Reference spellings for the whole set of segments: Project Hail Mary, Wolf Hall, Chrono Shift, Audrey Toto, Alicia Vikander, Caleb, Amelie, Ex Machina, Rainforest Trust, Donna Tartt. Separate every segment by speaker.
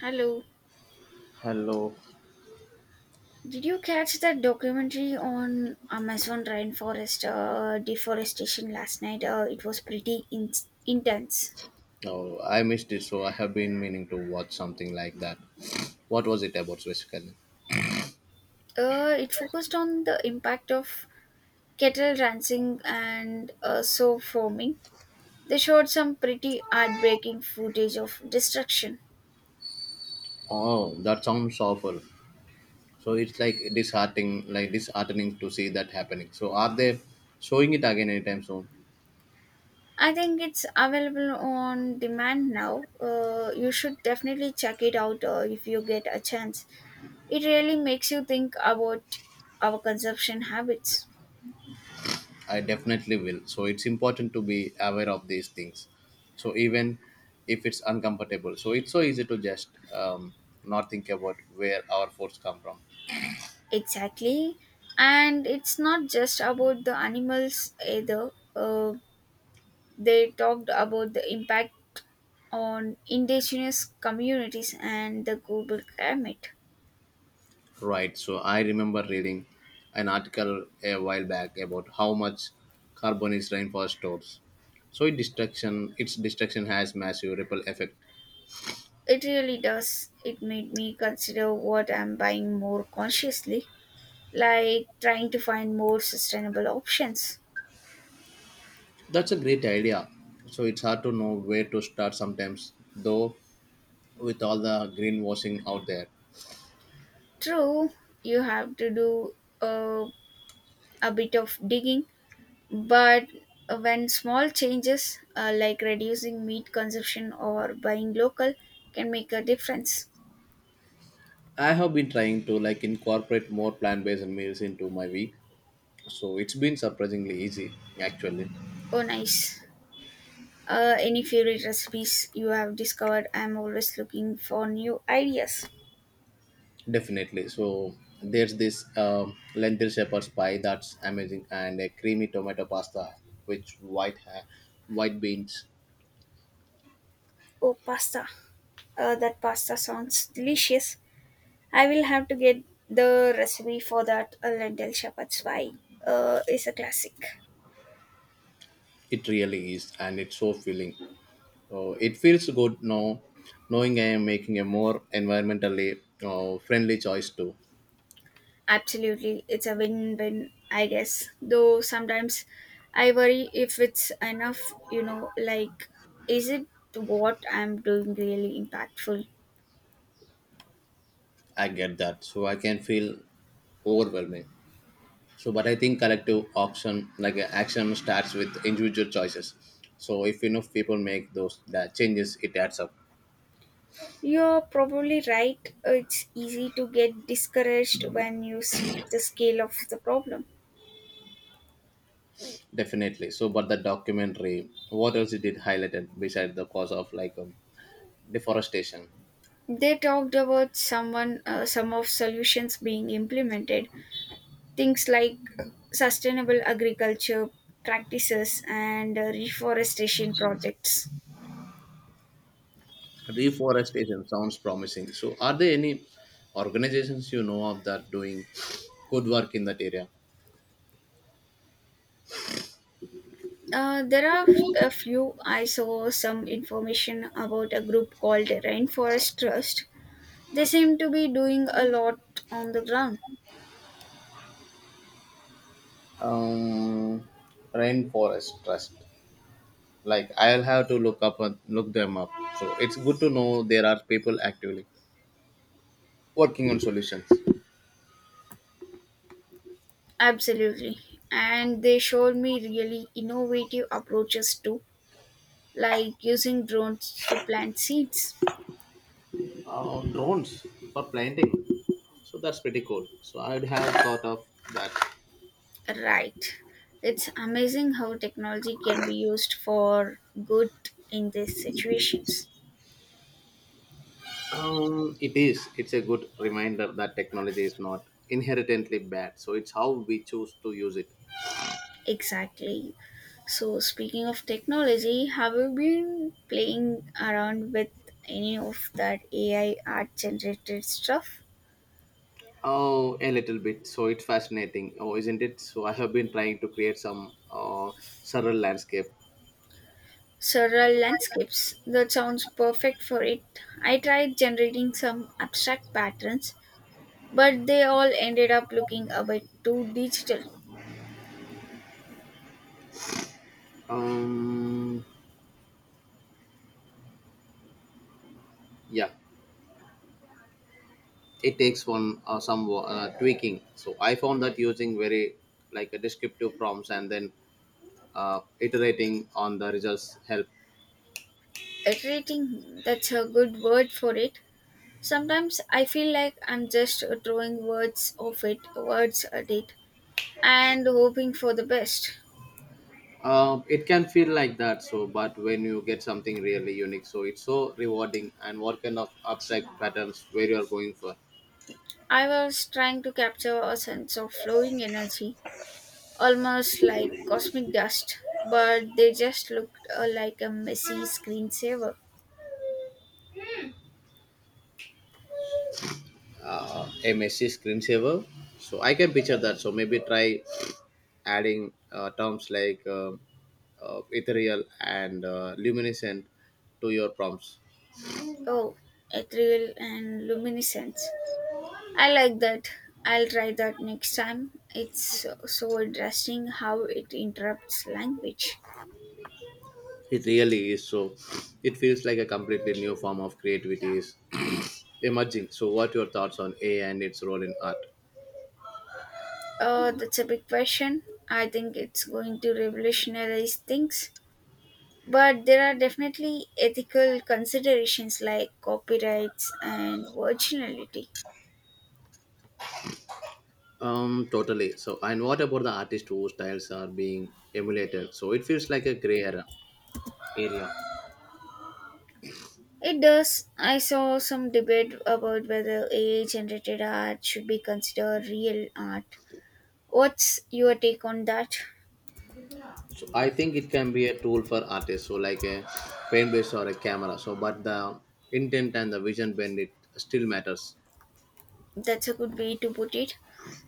Speaker 1: Hello.
Speaker 2: Hello.
Speaker 1: Did you catch that documentary on Amazon rainforest deforestation last night? It was pretty intense.
Speaker 2: Oh, I missed it, so I have been meaning to watch something like that. What was it about specifically?
Speaker 1: It focused on the impact of cattle ranching and sow farming. They showed some pretty heartbreaking footage of destruction.
Speaker 2: Oh, that sounds awful. So it's like disheartening to see that happening. So are they showing it again anytime soon?
Speaker 1: I think it's available on demand now. You should definitely check it out if you get a chance. It really makes you think about our consumption habits.
Speaker 2: I definitely will. So it's important to be aware of these things. So even if it's uncomfortable, so it's so easy to just um, not think about where our force come from.
Speaker 1: Exactly. And it's not just about the animals either. Uh, they talked about the impact on indigenous communities and the global climate.
Speaker 2: Right. So I remember reading an article a while back about how much carbon is rainforest stores. So its destruction has massive ripple effect.
Speaker 1: It really does. It made me consider what I'm buying more consciously, like trying to find more sustainable options.
Speaker 2: That's a great idea. So it's hard to know where to start sometimes, though, with all the greenwashing out there.
Speaker 1: True, you have to do uh, a bit of digging, but when small changes, like reducing meat consumption or buying local, can make a difference.
Speaker 2: I have been trying to like incorporate more plant-based meals into my week. So it's been surprisingly easy, actually.
Speaker 1: Oh, nice. Any favorite recipes you have discovered? I'm always looking for new ideas.
Speaker 2: Definitely. So there's this lentil shepherd's pie that's amazing, and a creamy tomato pasta with white beans.
Speaker 1: Oh, pasta. That pasta sounds delicious. I will have to get the recipe for that. A lentil shepherd's pie is a classic.
Speaker 2: It really is, and it's so filling. So it feels good now, knowing I am making a more environmentally friendly choice too.
Speaker 1: Absolutely, it's a win win, I guess. Though sometimes I worry if it's enough, like, is it what I'm doing really impactful?
Speaker 2: I get that, so I can feel overwhelming. So, but I think collective action, action, starts with individual choices. So if enough people make those that changes, it adds up.
Speaker 1: You're probably right. It's easy to get discouraged when you see the scale of the problem.
Speaker 2: Definitely. So, but the documentary, what else it did highlighted beside the cause of deforestation?
Speaker 1: They talked about someone, some of solutions being implemented, things like sustainable agriculture practices and reforestation projects.
Speaker 2: Reforestation sounds promising. So, are there any organizations you know of that doing good work in that area?
Speaker 1: There are a few. I saw some information about a group called Rainforest Trust. They seem to be doing a lot on the ground.
Speaker 2: Um, Rainforest Trust. Like, I'll have to look up and look them up. So, it's good to know there are people actively working on solutions.
Speaker 1: Absolutely. And they showed me really innovative approaches too, like using drones to plant seeds.
Speaker 2: Drones for planting. So that's pretty cool. So I'd have thought of that.
Speaker 1: Right. It's amazing how technology can be used for good in these situations.
Speaker 2: It is. It's a good reminder that technology is not inherently bad. So it's how we choose to use it.
Speaker 1: Exactly. So, speaking of technology, have you been playing around with any of that AI art generated stuff?
Speaker 2: Oh, a little bit. So it's fascinating. Oh, isn't it? So I have been trying to create some surreal landscape.
Speaker 1: Surreal landscapes. That sounds perfect for it. I tried generating some abstract patterns, but they all ended up looking a bit too digital.
Speaker 2: Um, yeah, it takes one some tweaking. So I found that using very like a descriptive prompts and then iterating on the results help.
Speaker 1: Iterating, that's a good word for it. Sometimes I feel like I'm just throwing words of it, words at it, and hoping for the best.
Speaker 2: It can feel like that. So, but when you get something really unique, so it's so rewarding. And what kind of abstract patterns where you are going for?
Speaker 1: I was trying to capture a sense of flowing energy, almost like cosmic dust, but they just looked like a messy screensaver.
Speaker 2: A messy screensaver. So I can picture that. So maybe try adding terms like ethereal and luminescent to your prompts.
Speaker 1: Oh, ethereal and luminescence. I like that. I'll try that next time. It's so interesting how it interrupts language.
Speaker 2: It really is. So it feels like a completely new form of creativity is emerging. So what your thoughts on AI and its role in art?
Speaker 1: That's a big question. I think it's going to revolutionize things, but there are definitely ethical considerations like copyrights and originality.
Speaker 2: Totally. So, and what about the artist whose styles are being emulated? So it feels like a gray era area.
Speaker 1: It does. I saw some debate about whether AI generated art should be considered real art. What's your take on that?
Speaker 2: So I think it can be a tool for artists, so like a paintbrush or a camera. So, but the intent and the vision behind it still matters.
Speaker 1: That's a good way to put it.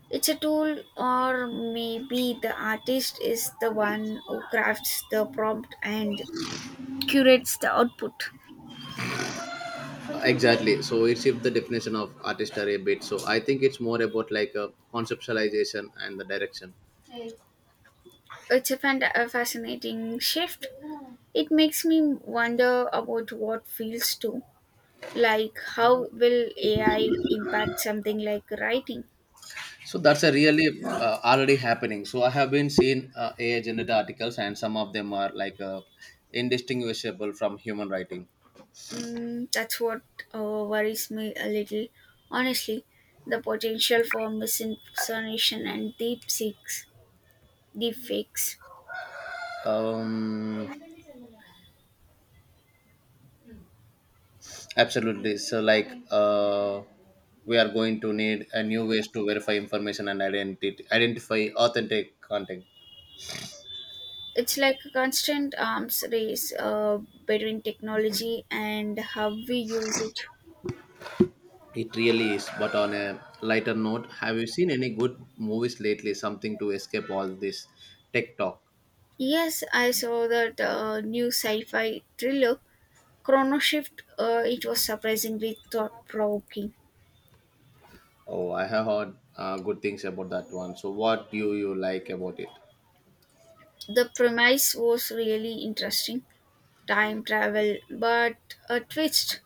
Speaker 1: It's a tool, or maybe the artist is the one who crafts the prompt and curates the output.
Speaker 2: Exactly. So it shifts the definition of artistry a bit. So I think it's more about like a conceptualization and the direction.
Speaker 1: It's a fascinating shift. It makes me wonder about what feels too. Like, how will AI impact something like writing?
Speaker 2: So that's a really already happening. So I have been seeing AI generated articles, and some of them are indistinguishable from human writing.
Speaker 1: Mm, that's what worries me a little. Honestly, the potential for misinformation and deep fakes.
Speaker 2: Um, absolutely. So we are going to need a new ways to verify information and identity, identify authentic content.
Speaker 1: It's like a constant arms race between technology and how we use it.
Speaker 2: It really is. But on a lighter note, have you seen any good movies lately? Something to escape all this tech talk.
Speaker 1: Yes, I saw that new sci fi thriller Chrono Shift. It was surprisingly thought provoking.
Speaker 2: Oh, I have heard good things about that one. So, what do you like about it?
Speaker 1: The premise was really interesting, time travel, but a twist.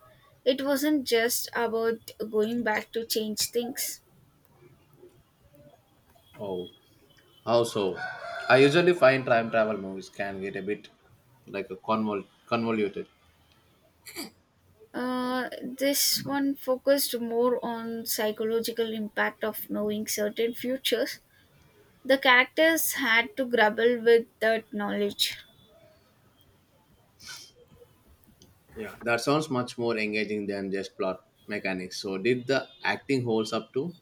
Speaker 1: It wasn't just about going back to change things.
Speaker 2: Oh, how so? I usually find time travel movies can get a bit like a convoluted.
Speaker 1: This one focused more on psychological impact of knowing certain futures. The characters had to grapple with that knowledge.
Speaker 2: Yeah, that sounds much more engaging than just plot mechanics. So, did the acting holds up too?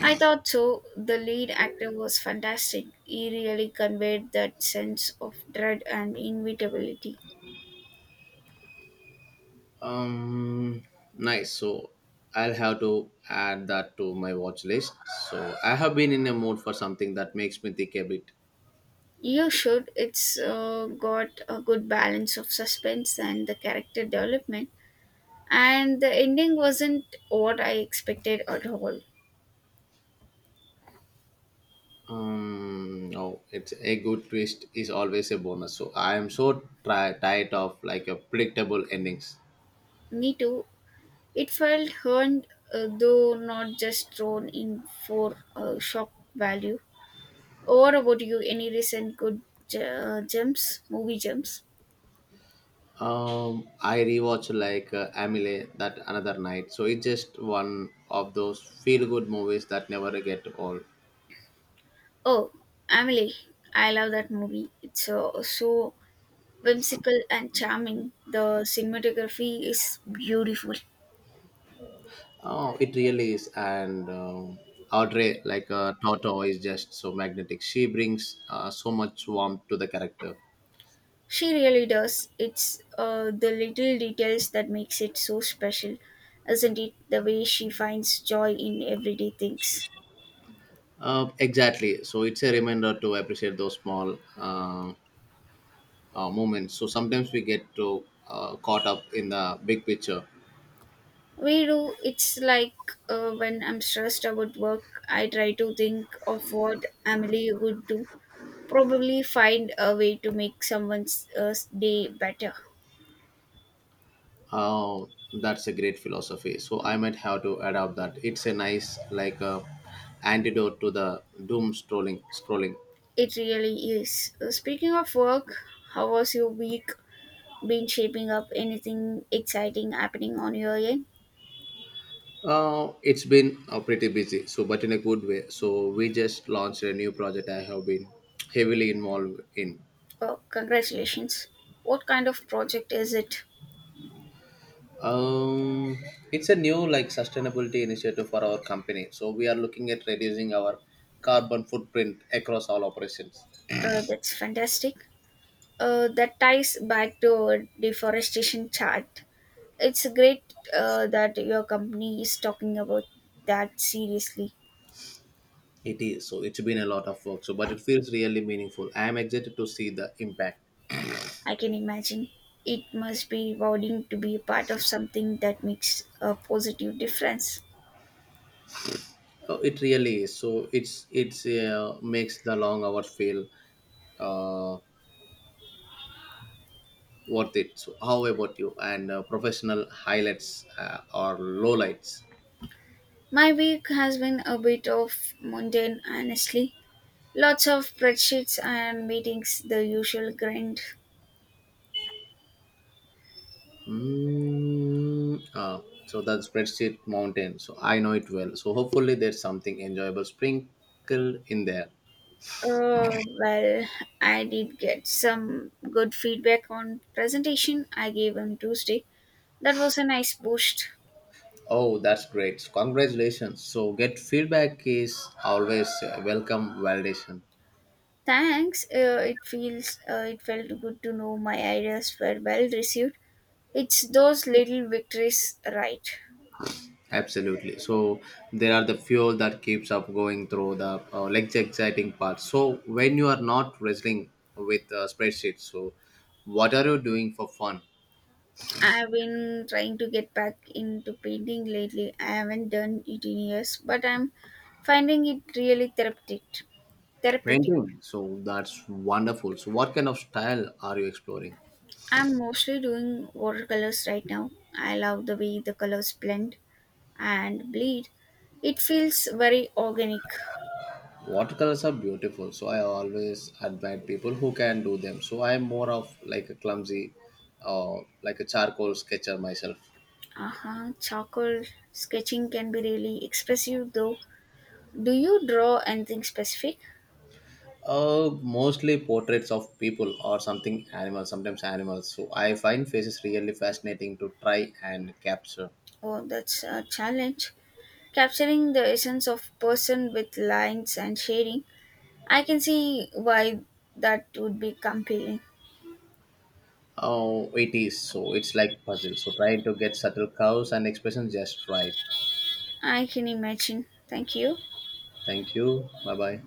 Speaker 1: I thought so. The lead actor was fantastic. He really conveyed that sense of dread and inevitability.
Speaker 2: Um, nice. So, I'll have to add that to my watch list. So, I have been in a mood for something that makes me think a bit.
Speaker 1: You should. It's got a good balance of suspense and the character development. And the ending wasn't what I expected at all.
Speaker 2: No, it's a good twist is always a bonus. So I am so tired of like a predictable endings.
Speaker 1: Me too. It felt earned, though not just thrown in for shock value. Or about you? Any recent good movie gems?
Speaker 2: I rewatched Amelie that another night. So it's just one of those feel good movies that never get old.
Speaker 1: Oh, Emily! I love that movie. It's so whimsical and charming. The cinematography is beautiful.
Speaker 2: Oh, it really is. And Audrey, Toto, is just so magnetic. She brings so much warmth to the character.
Speaker 1: She really does. It's the little details that makes it so special, isn't it? The way she finds joy in everyday things.
Speaker 2: Exactly. So it's a reminder to appreciate those small. Moments. So sometimes we get to caught up in the big picture.
Speaker 1: We do. It's like when I'm stressed about work, I try to think of what Emily would do. Probably find a way to make someone's day better.
Speaker 2: Oh, that's a great philosophy. So I might have to adopt that. It's a nice antidote to the doom scrolling. Scrolling.
Speaker 1: It really is. Speaking of work, how was your week been shaping up? Anything exciting happening on your end?
Speaker 2: It's been pretty busy, so but in a good way. So we just launched a new project I have been heavily involved in.
Speaker 1: Oh, congratulations. What kind of project is it?
Speaker 2: Um, it's a new like sustainability initiative for our company. So we are looking at reducing our carbon footprint across all operations.
Speaker 1: That's fantastic. That ties back to our deforestation chart. It's great that your company is talking about that seriously.
Speaker 2: It is. So it's been a lot of work. So, but it feels really meaningful. I am excited to see the impact.
Speaker 1: I can imagine. It must be rewarding to be a part of something that makes a positive difference.
Speaker 2: Oh, it really is. So it's makes the long hours feel uh, worth it. So how about you? And professional highlights or lowlights?
Speaker 1: My week has been a bit of mundane, honestly. Lots of spreadsheets and meetings, the usual grind.
Speaker 2: Mm, ah, so the spreadsheet mountain. So I know it well. So hopefully there's something enjoyable sprinkled in there.
Speaker 1: Oh, well, I did get some good feedback on presentation I gave on Tuesday. That was a nice boost.
Speaker 2: Oh, that's great. Congratulations. So, get feedback is always a welcome validation.
Speaker 1: Thanks. It felt good to know my ideas were well received. It's those little victories, right?
Speaker 2: Absolutely. So, there are the fuel that keeps up going through the like the exciting part. So, when you are not wrestling with spreadsheets, so what are you doing for fun?
Speaker 1: I've been trying to get back into painting lately. I haven't done it in years, but I'm finding it really therapeutic. Therapeutic.
Speaker 2: Painting. So, that's wonderful. So, what kind of style are you exploring?
Speaker 1: I'm mostly doing watercolors right now. I love the way the colors blend and bleed. It feels very organic.
Speaker 2: Watercolors are beautiful, so I always admire people who can do them. So I am more of like a clumsy, uh, like a charcoal sketcher myself.
Speaker 1: Uh-huh. Charcoal sketching can be really expressive though. Do you draw anything specific?
Speaker 2: Mostly portraits of people or something animals, sometimes animals. So I find faces really fascinating to try and capture.
Speaker 1: Oh, that's a challenge. Capturing the essence of person with lines and shading. I can see why that would be compelling.
Speaker 2: Oh, it is. So it's like puzzle. So trying to get subtle curves and expressions just right.
Speaker 1: I can imagine. Thank you.
Speaker 2: Thank you. Bye bye.